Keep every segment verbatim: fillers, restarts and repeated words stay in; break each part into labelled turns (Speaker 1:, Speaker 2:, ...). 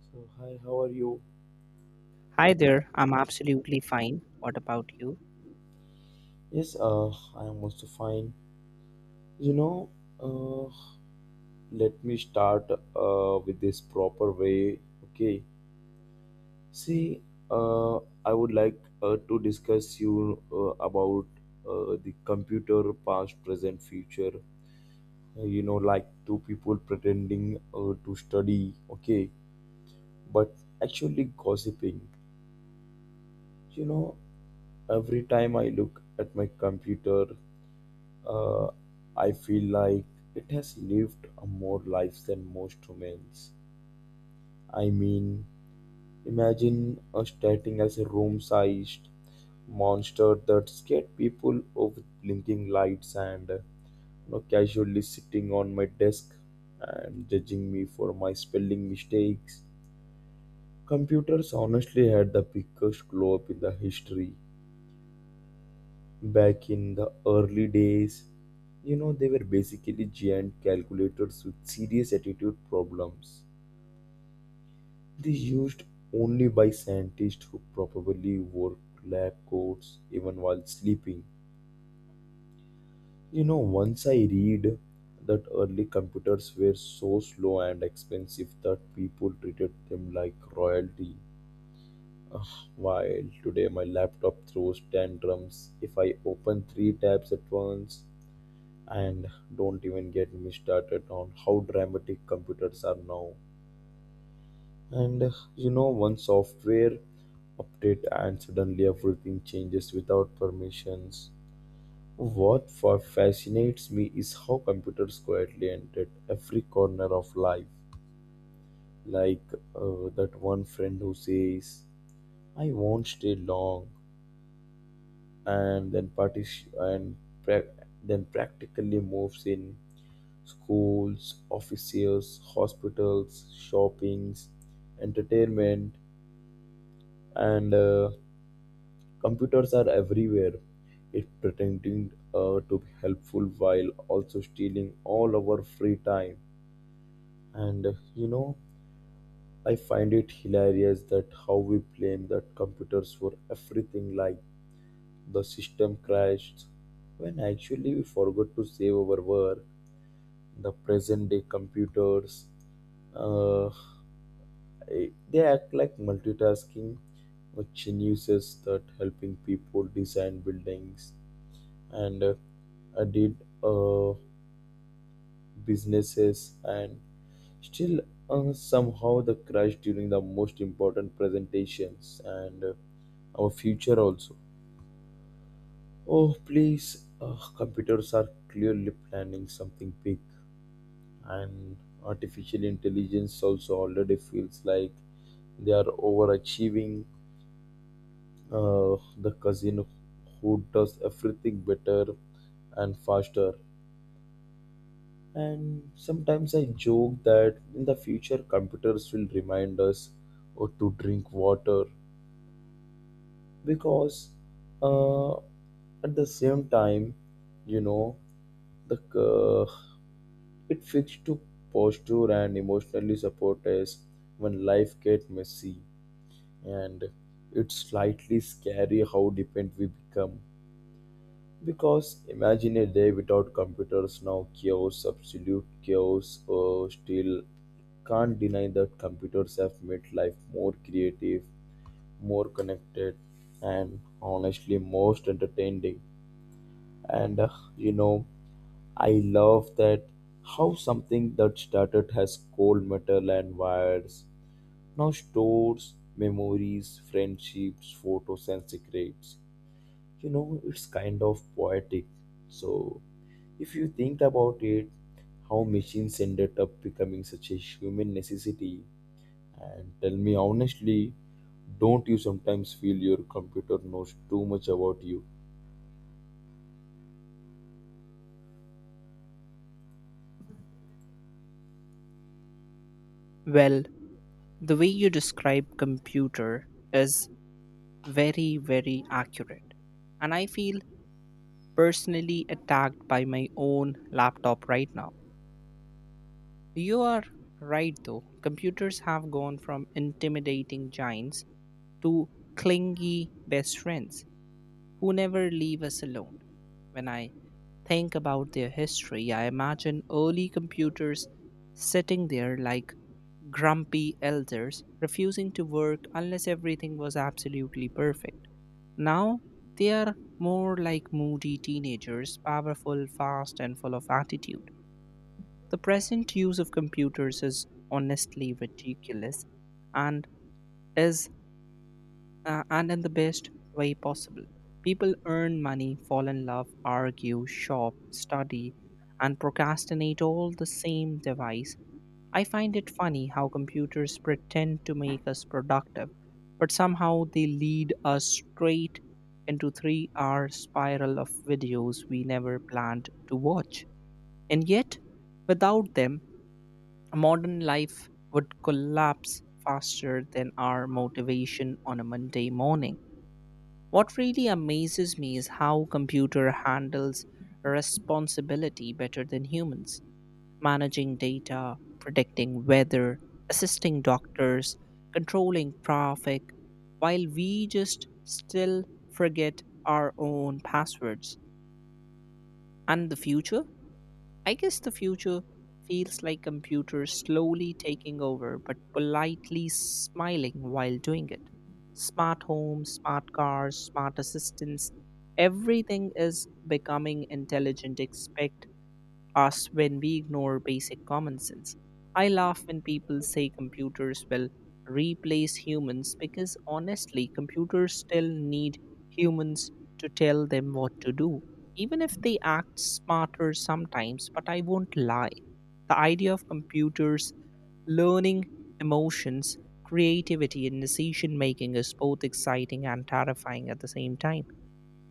Speaker 1: So hi, how are you?
Speaker 2: Hi there, I'm absolutely fine. What about you?
Speaker 1: Yes, uh, I am also fine. You know, uh, Let me start uh, with this proper way. Okay. See, uh, I would like uh, to discuss you uh, about uh, the computer, past, present, future. Uh, You know, like two people pretending uh, to study, okay, but actually gossiping. You know, every time I look at my computer, Uh, I feel like it has lived a more lives than most humans. I mean, imagine us starting as a room sized monster that scared people with blinking lights and you know, casually sitting on my desk and judging me for my spelling mistakes. Computers honestly had the biggest glow up in the history. Back in the early days, you know, they were basically giant calculators with serious attitude problems. They used only by scientists who probably wore lab coats even while sleeping. You know, once I read that early computers were so slow and expensive that people treated them like royalty. Ugh, while today my laptop throws tantrums if I open three tabs at once. And don't even get me started on how dramatic computers are now. And uh, you know, One software update and suddenly everything changes without permissions. What fa- fascinates me is how computers quietly entered every corner of life. Like uh, that one friend who says, "I won't stay long," and then partic- and pra- then practically moves in schools, offices, hospitals, shoppings, entertainment, and uh, computers are everywhere. It pretending uh, to be helpful while also stealing all our free time. And uh, you know, I find it hilarious that how we blame the computers for everything like the system crashed when actually we forgot to save our work. The present day computers uh, Eh, they act like multitasking, which uses that helping people design buildings and uh, I did uh, businesses and still uh, somehow the crash during the most important presentations and uh, our future also. Oh, please, uh, computers are clearly planning something big, and artificial intelligence also already feels like they are overachieving uh, the cousin who does everything better and faster. And sometimes I joke that in the future, computers will remind us or to drink water because, uh, at the same time, you know, the uh, it fits to posture and emotionally support us when life gets messy and it's slightly scary how dependent we become. Because imagine a day without computers now chaos, absolute chaos. Uh, still, can't deny that computers have made life more creative, more connected, and honestly, most entertaining. And uh, you know, I love that how something that started as cold metal and wires now stores memories, friendships, photos, and secrets. You know, it's kind of poetic. So if you think about it, how machines ended up becoming such a human necessity, and tell me honestly, don't you sometimes feel your computer knows too much about you?
Speaker 2: Well, the way you describe computer is very, very accurate. And I feel personally attacked by my own laptop right now. You are right though. Computers have gone from intimidating giants to clingy best friends who never leave us alone. When I think about their history, I imagine early computers sitting there like grumpy elders refusing to work unless everything was absolutely perfect. Now they are more like moody teenagers, powerful, fast, and full of attitude. The present use of computers is honestly ridiculous and is uh, and in the best way possible. People earn money, fall in love, argue, shop, study, and procrastinate all the same device. I find it funny how computers pretend to make us productive, but somehow they lead us straight into three hour spiral of videos we never planned to watch. And yet, without them, modern life would collapse faster than our motivation on a Monday morning. What really amazes me is how computer handles responsibility better than humans managing data, predicting weather, assisting doctors, controlling traffic, while we just still forget our own passwords. And the future? I guess the future feels like computers slowly taking over, but politely smiling while doing it. Smart homes, smart cars, smart assistants, everything is becoming intelligent, expect us when we ignore basic common sense. I laugh when people say computers will replace humans because honestly, computers still need humans to tell them what to do, even if they act smarter sometimes. But I won't lie. The idea of computers learning emotions, creativity, and decision making is both exciting and terrifying at the same time.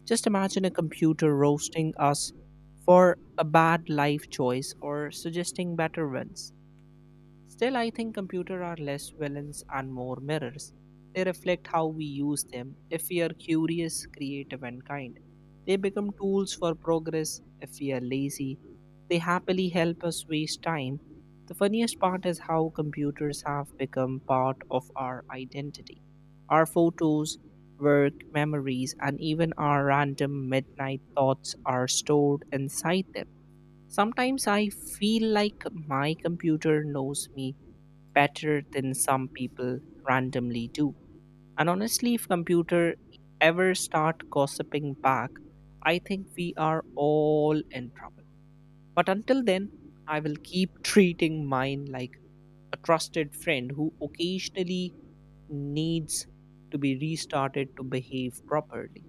Speaker 2: Just imagine a computer roasting us for a bad life choice or suggesting better ones. Still, I think computers are less villains and more mirrors. They reflect how we use them. If we are curious, creative, and kind, they become tools for progress. If we are lazy, they happily help us waste time. The funniest part is how computers have become part of our identity. Our photos, work, memories, and even our random midnight thoughts are stored inside them. Sometimes I feel like my computer knows me better than some people randomly do. And honestly, if computer ever start gossiping back, I think we are all in trouble. But until then, I will keep treating mine like a trusted friend who occasionally needs to be restarted to behave properly.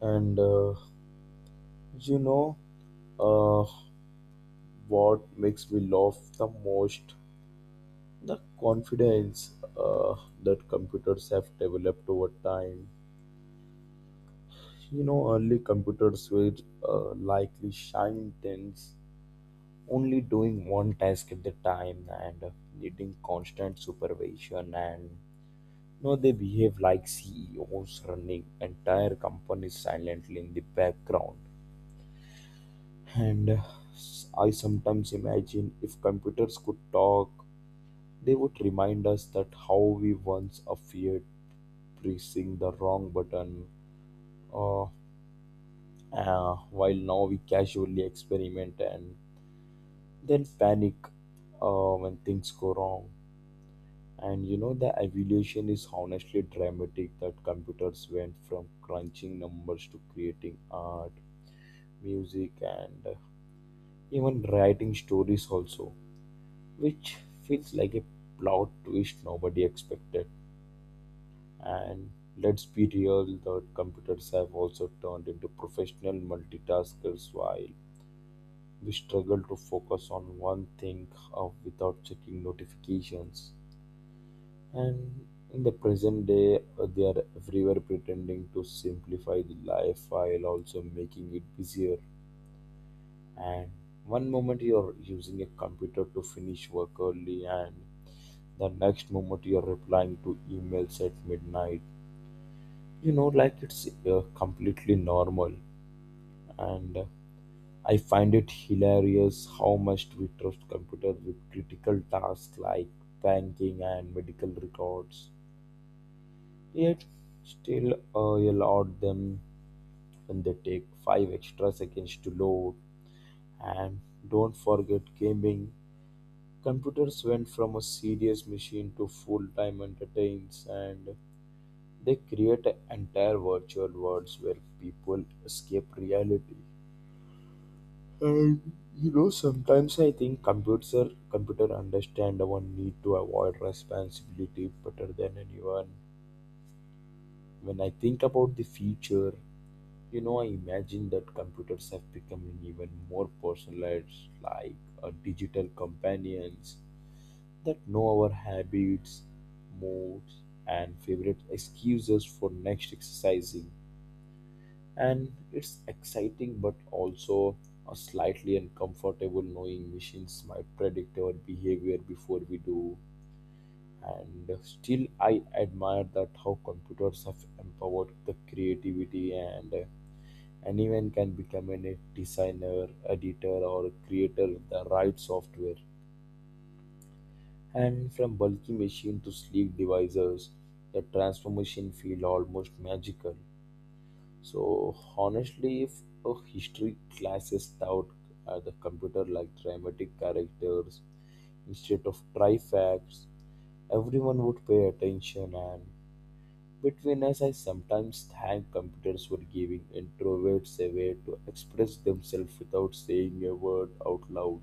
Speaker 1: And uh, you know uh, what makes me laugh the most? The confidence uh, that computers have developed over time. You know, early computers were uh, likely shiny things only doing one task at the time and uh, needing constant supervision and you know, they behave like C E Os running entire companies silently in the background. And uh, I sometimes imagine if computers could talk, they would remind us that how we once feared pressing the wrong button, uh, uh, while now we casually experiment and then panic uh, when things go wrong. And you know, the evolution is honestly dramatic that computers went from crunching numbers to creating art, music, and uh, even writing stories, also, which feels like a plot twist nobody expected. And let's be real, that computers have also turned into professional multitaskers while we struggle to focus on one thing uh, without checking notifications. And in the present day, uh, they are everywhere pretending to simplify the life while also making it busier. And one moment you're using a computer to finish work early, and the next moment you're replying to emails at midnight. You know, like it's uh, completely normal. And uh, I find it hilarious how much we trust computers with critical tasks like banking and medical records. Yet still I allowed them when they take five extra seconds to load. And don't forget gaming. Computers went from a serious machine to full-time entertains and they create entire virtual worlds where people escape reality. And you know, sometimes I think computer computer understand our need to avoid responsibility better than anyone. When I think about the future, You know, I imagine that computers have become even more personalized, like a digital companions that know our habits, moods, and favorite excuses for next exercising. And it's exciting, but also a slightly uncomfortable knowing machines might predict our behavior before we do. And still, I admire that how computers have empowered the creativity and anyone can become a designer, editor, or creator with the right software. And from bulky machine to sleek devices, the transformation feel almost magical. So honestly, if a history classes out uh, the computer like dramatic characters instead of try facts, everyone would pay attention and between us, I sometimes thank computers for giving introverts a way to express themselves without saying a word out loud.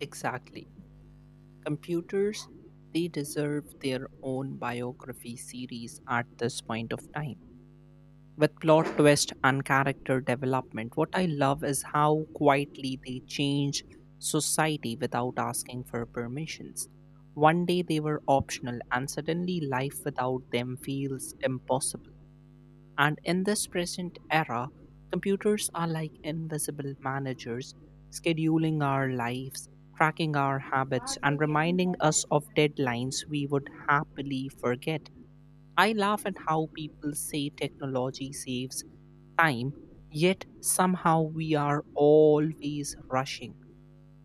Speaker 2: Exactly. Computers, they deserve their own biography series at this point of time, with plot twist and character development. What I love is how quietly they change society without asking for permissions. One day they were optional, and suddenly life without them feels impossible. And in this present era, computers are like invisible managers, scheduling our lives, tracking our habits, and reminding us of deadlines we would happily forget. I laugh at how people say technology saves time, yet somehow we are always rushing,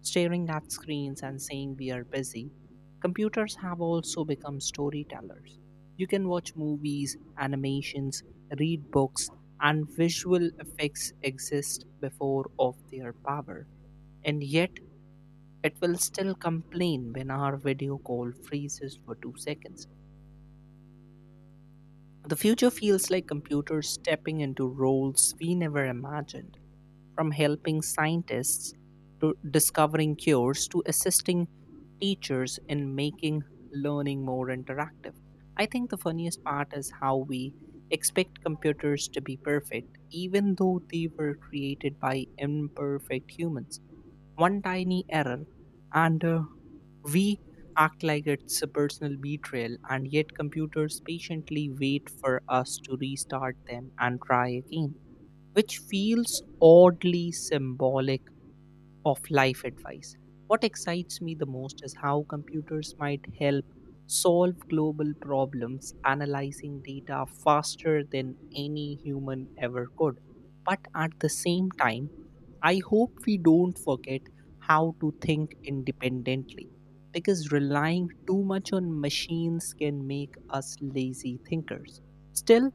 Speaker 2: staring at screens and saying we are busy. Computers have also become storytellers. You can watch movies, animations, read books, and visual effects exist before of their power. And yet, it will still complain when our video call freezes for two seconds. The future feels like computers stepping into roles we never imagined, from helping scientists to discovering cures to assisting teachers in making learning more interactive. I think the funniest part is how we expect computers to be perfect, even though they were created by imperfect humans. One tiny error and uh, we act like it's a personal betrayal, and yet computers patiently wait for us to restart them and try again, which feels oddly symbolic of life advice. What excites me the most is how computers might help solve global problems, analyzing data faster than any human ever could. But at the same time, I hope we don't forget how to think independently because relying too much on machines can make us lazy thinkers. Still,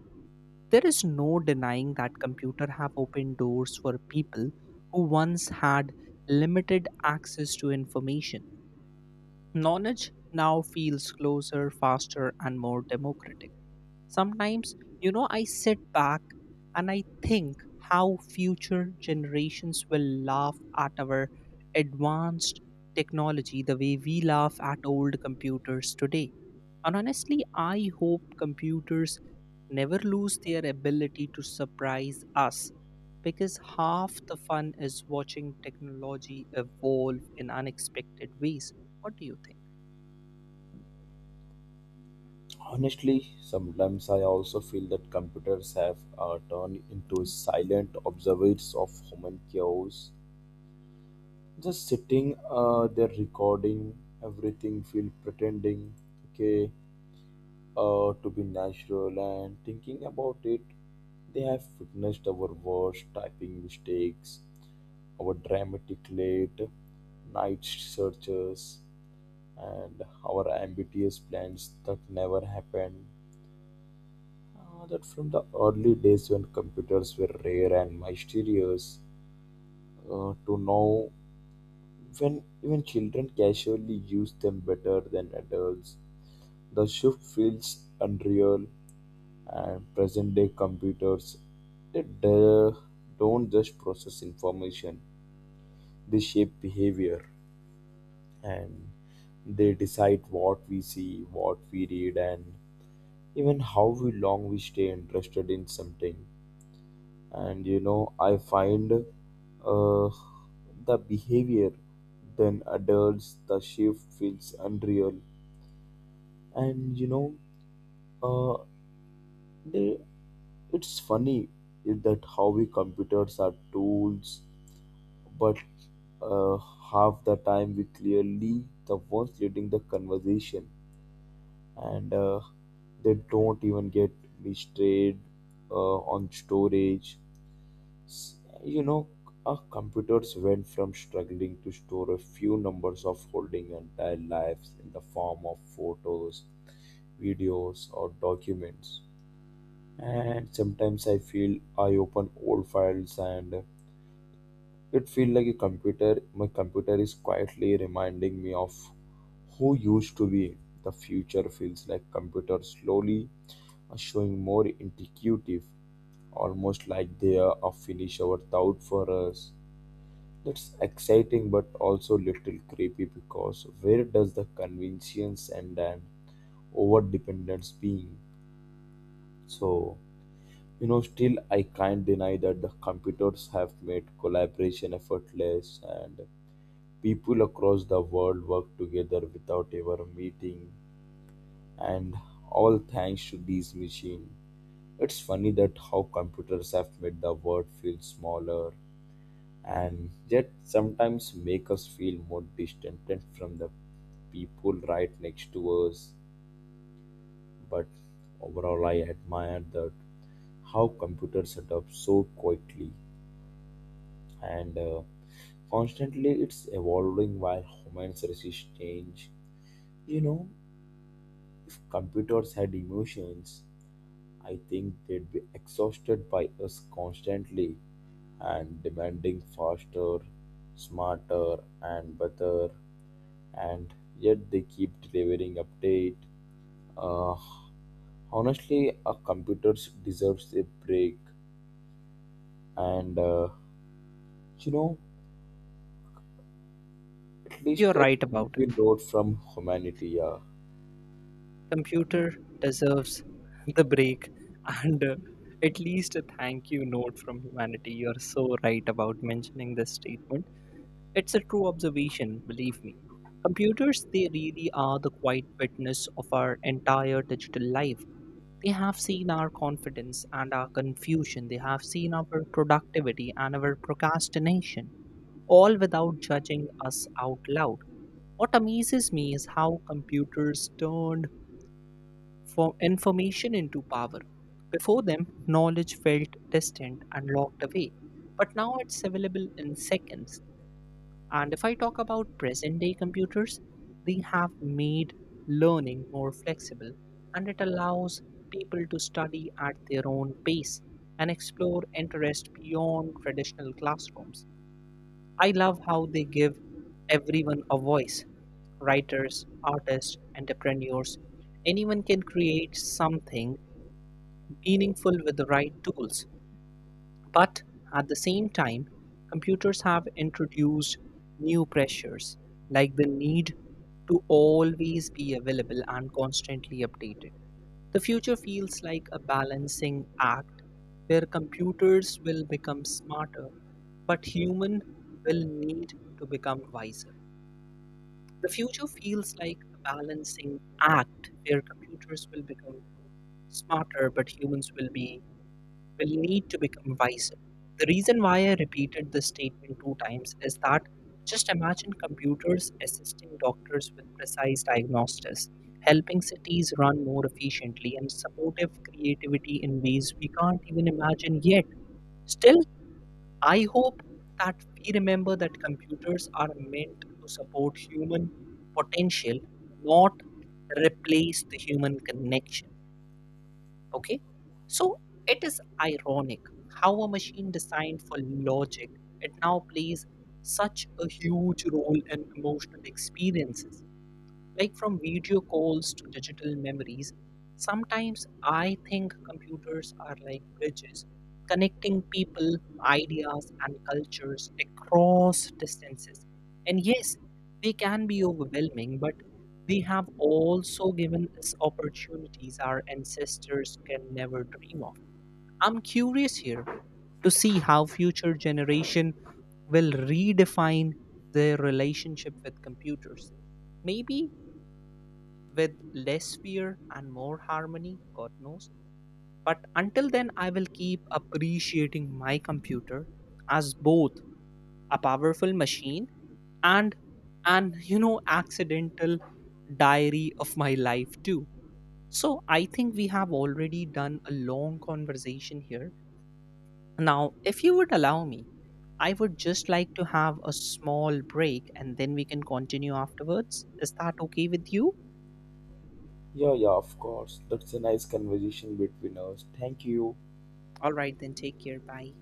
Speaker 2: there is no denying that computers have opened doors for people who once had limited access to information. Knowledge now feels closer, faster and more democratic. Sometimes, you know, I sit back and I think how future generations will laugh at our advanced technology the way we laugh at old computers today. And honestly, I hope computers never lose their ability to surprise us because half the fun is watching technology evolve in unexpected ways. What do you think?
Speaker 1: Honestly, sometimes I also feel that computers have uh, turned into silent observers of human chaos. Just sitting uh, there recording everything, feel pretending, okay, uh, to be natural, and thinking about it they have witnessed our worst typing mistakes, our dramatic late night searches, and our ambitious plans that never happened. Uh, that from the early days when computers were rare and mysterious, uh, to now when even children casually use them better than adults, the shift feels unreal. And present day computers, they do- don't just process information, they shape behavior, and they decide what we see, what we read, and even how we long we stay interested in something. And you know I find uh, the behavior then adults, the shift feels unreal. And you know uh, they, It's funny is that how we computers are tools, but, uh, half the time we clearly the ones leading the conversation, and uh, they don't even get me straight uh, on storage. S- you know our computers went from struggling to store a few numbers of holding entire lives in the form of photos, videos, or documents. And sometimes I feel I open old files and it feels like a computer. My computer is quietly reminding me of who used to be. The future feels like computers slowly are showing more intuitive, almost like they are a finish our thought for us. That's exciting but also little creepy because where does the convenience end and over dependence being? So you know still I can't deny that the computers have made collaboration effortless and people across the world work together without ever meeting, and all thanks to these machines. It's funny that how computers have made the world feel smaller and yet sometimes make us feel more distant from the people right next to us. But overall, I admire that how computers adapt so quickly and uh, constantly it's evolving while humans resist change. You know computers had emotions, I think they'd be exhausted by us constantly and demanding faster, smarter, and better, and yet they keep delivering update. Uh, Honestly, our computers deserves a break, and uh, you know, at
Speaker 2: You're
Speaker 1: least a
Speaker 2: right about
Speaker 1: tranquil
Speaker 2: it.
Speaker 1: note from humanity. Yeah,
Speaker 2: Computer deserves the break and uh, at least a thank you note from humanity. You're so right about mentioning this statement. It's a true observation, believe me. Computers, they really are the quiet witness of our entire digital life. They have seen our confidence and our confusion. They have seen our productivity and our procrastination, all without judging us out loud. What amazes me is how computers turned for information into power. Before them, knowledge felt distant and locked away, but now it's available in seconds. And if I talk about present day computers, they have made learning more flexible and it allows people to study at their own pace and explore interest beyond traditional classrooms. I love how they give everyone a voice: writers, artists, entrepreneurs. Anyone can create something meaningful with the right tools. But at the same time, computers have introduced new pressures, like the need to always be available and constantly updated. The future feels like a balancing act where computers will become smarter, but human will need to become wiser. The future feels like a balancing act where computers will become smarter, but humans will be will need to become wiser. The reason why I repeated this statement two times is that just imagine computers assisting doctors with precise diagnostics, helping cities run more efficiently, and supportive creativity in ways we can't even imagine yet. Still, I hope that we remember that computers are meant to support human potential, not replace the human connection. Okay. So it is ironic how a machine designed for logic, it now plays such a huge role in emotional experiences. Like from video calls to digital memories, sometimes I think computers are like bridges connecting people, ideas, and cultures across distances. And yes, they can be overwhelming, but they have also given us opportunities our ancestors can never dream of. I'm curious here to see how future generation will redefine their relationship with computers. Maybe with less fear and more harmony, God knows. But until then, I will keep appreciating my computer as both a powerful machine and an, you know, accidental diary of my life, too. So I think we have already done a long conversation here. Now, if you would allow me, I would just like to have a small break and then we can continue afterwards. Is that okay with you?
Speaker 1: yeah, yeah. Of course, that's a nice conversation between us. Thank you.
Speaker 2: All right, then take care. Bye.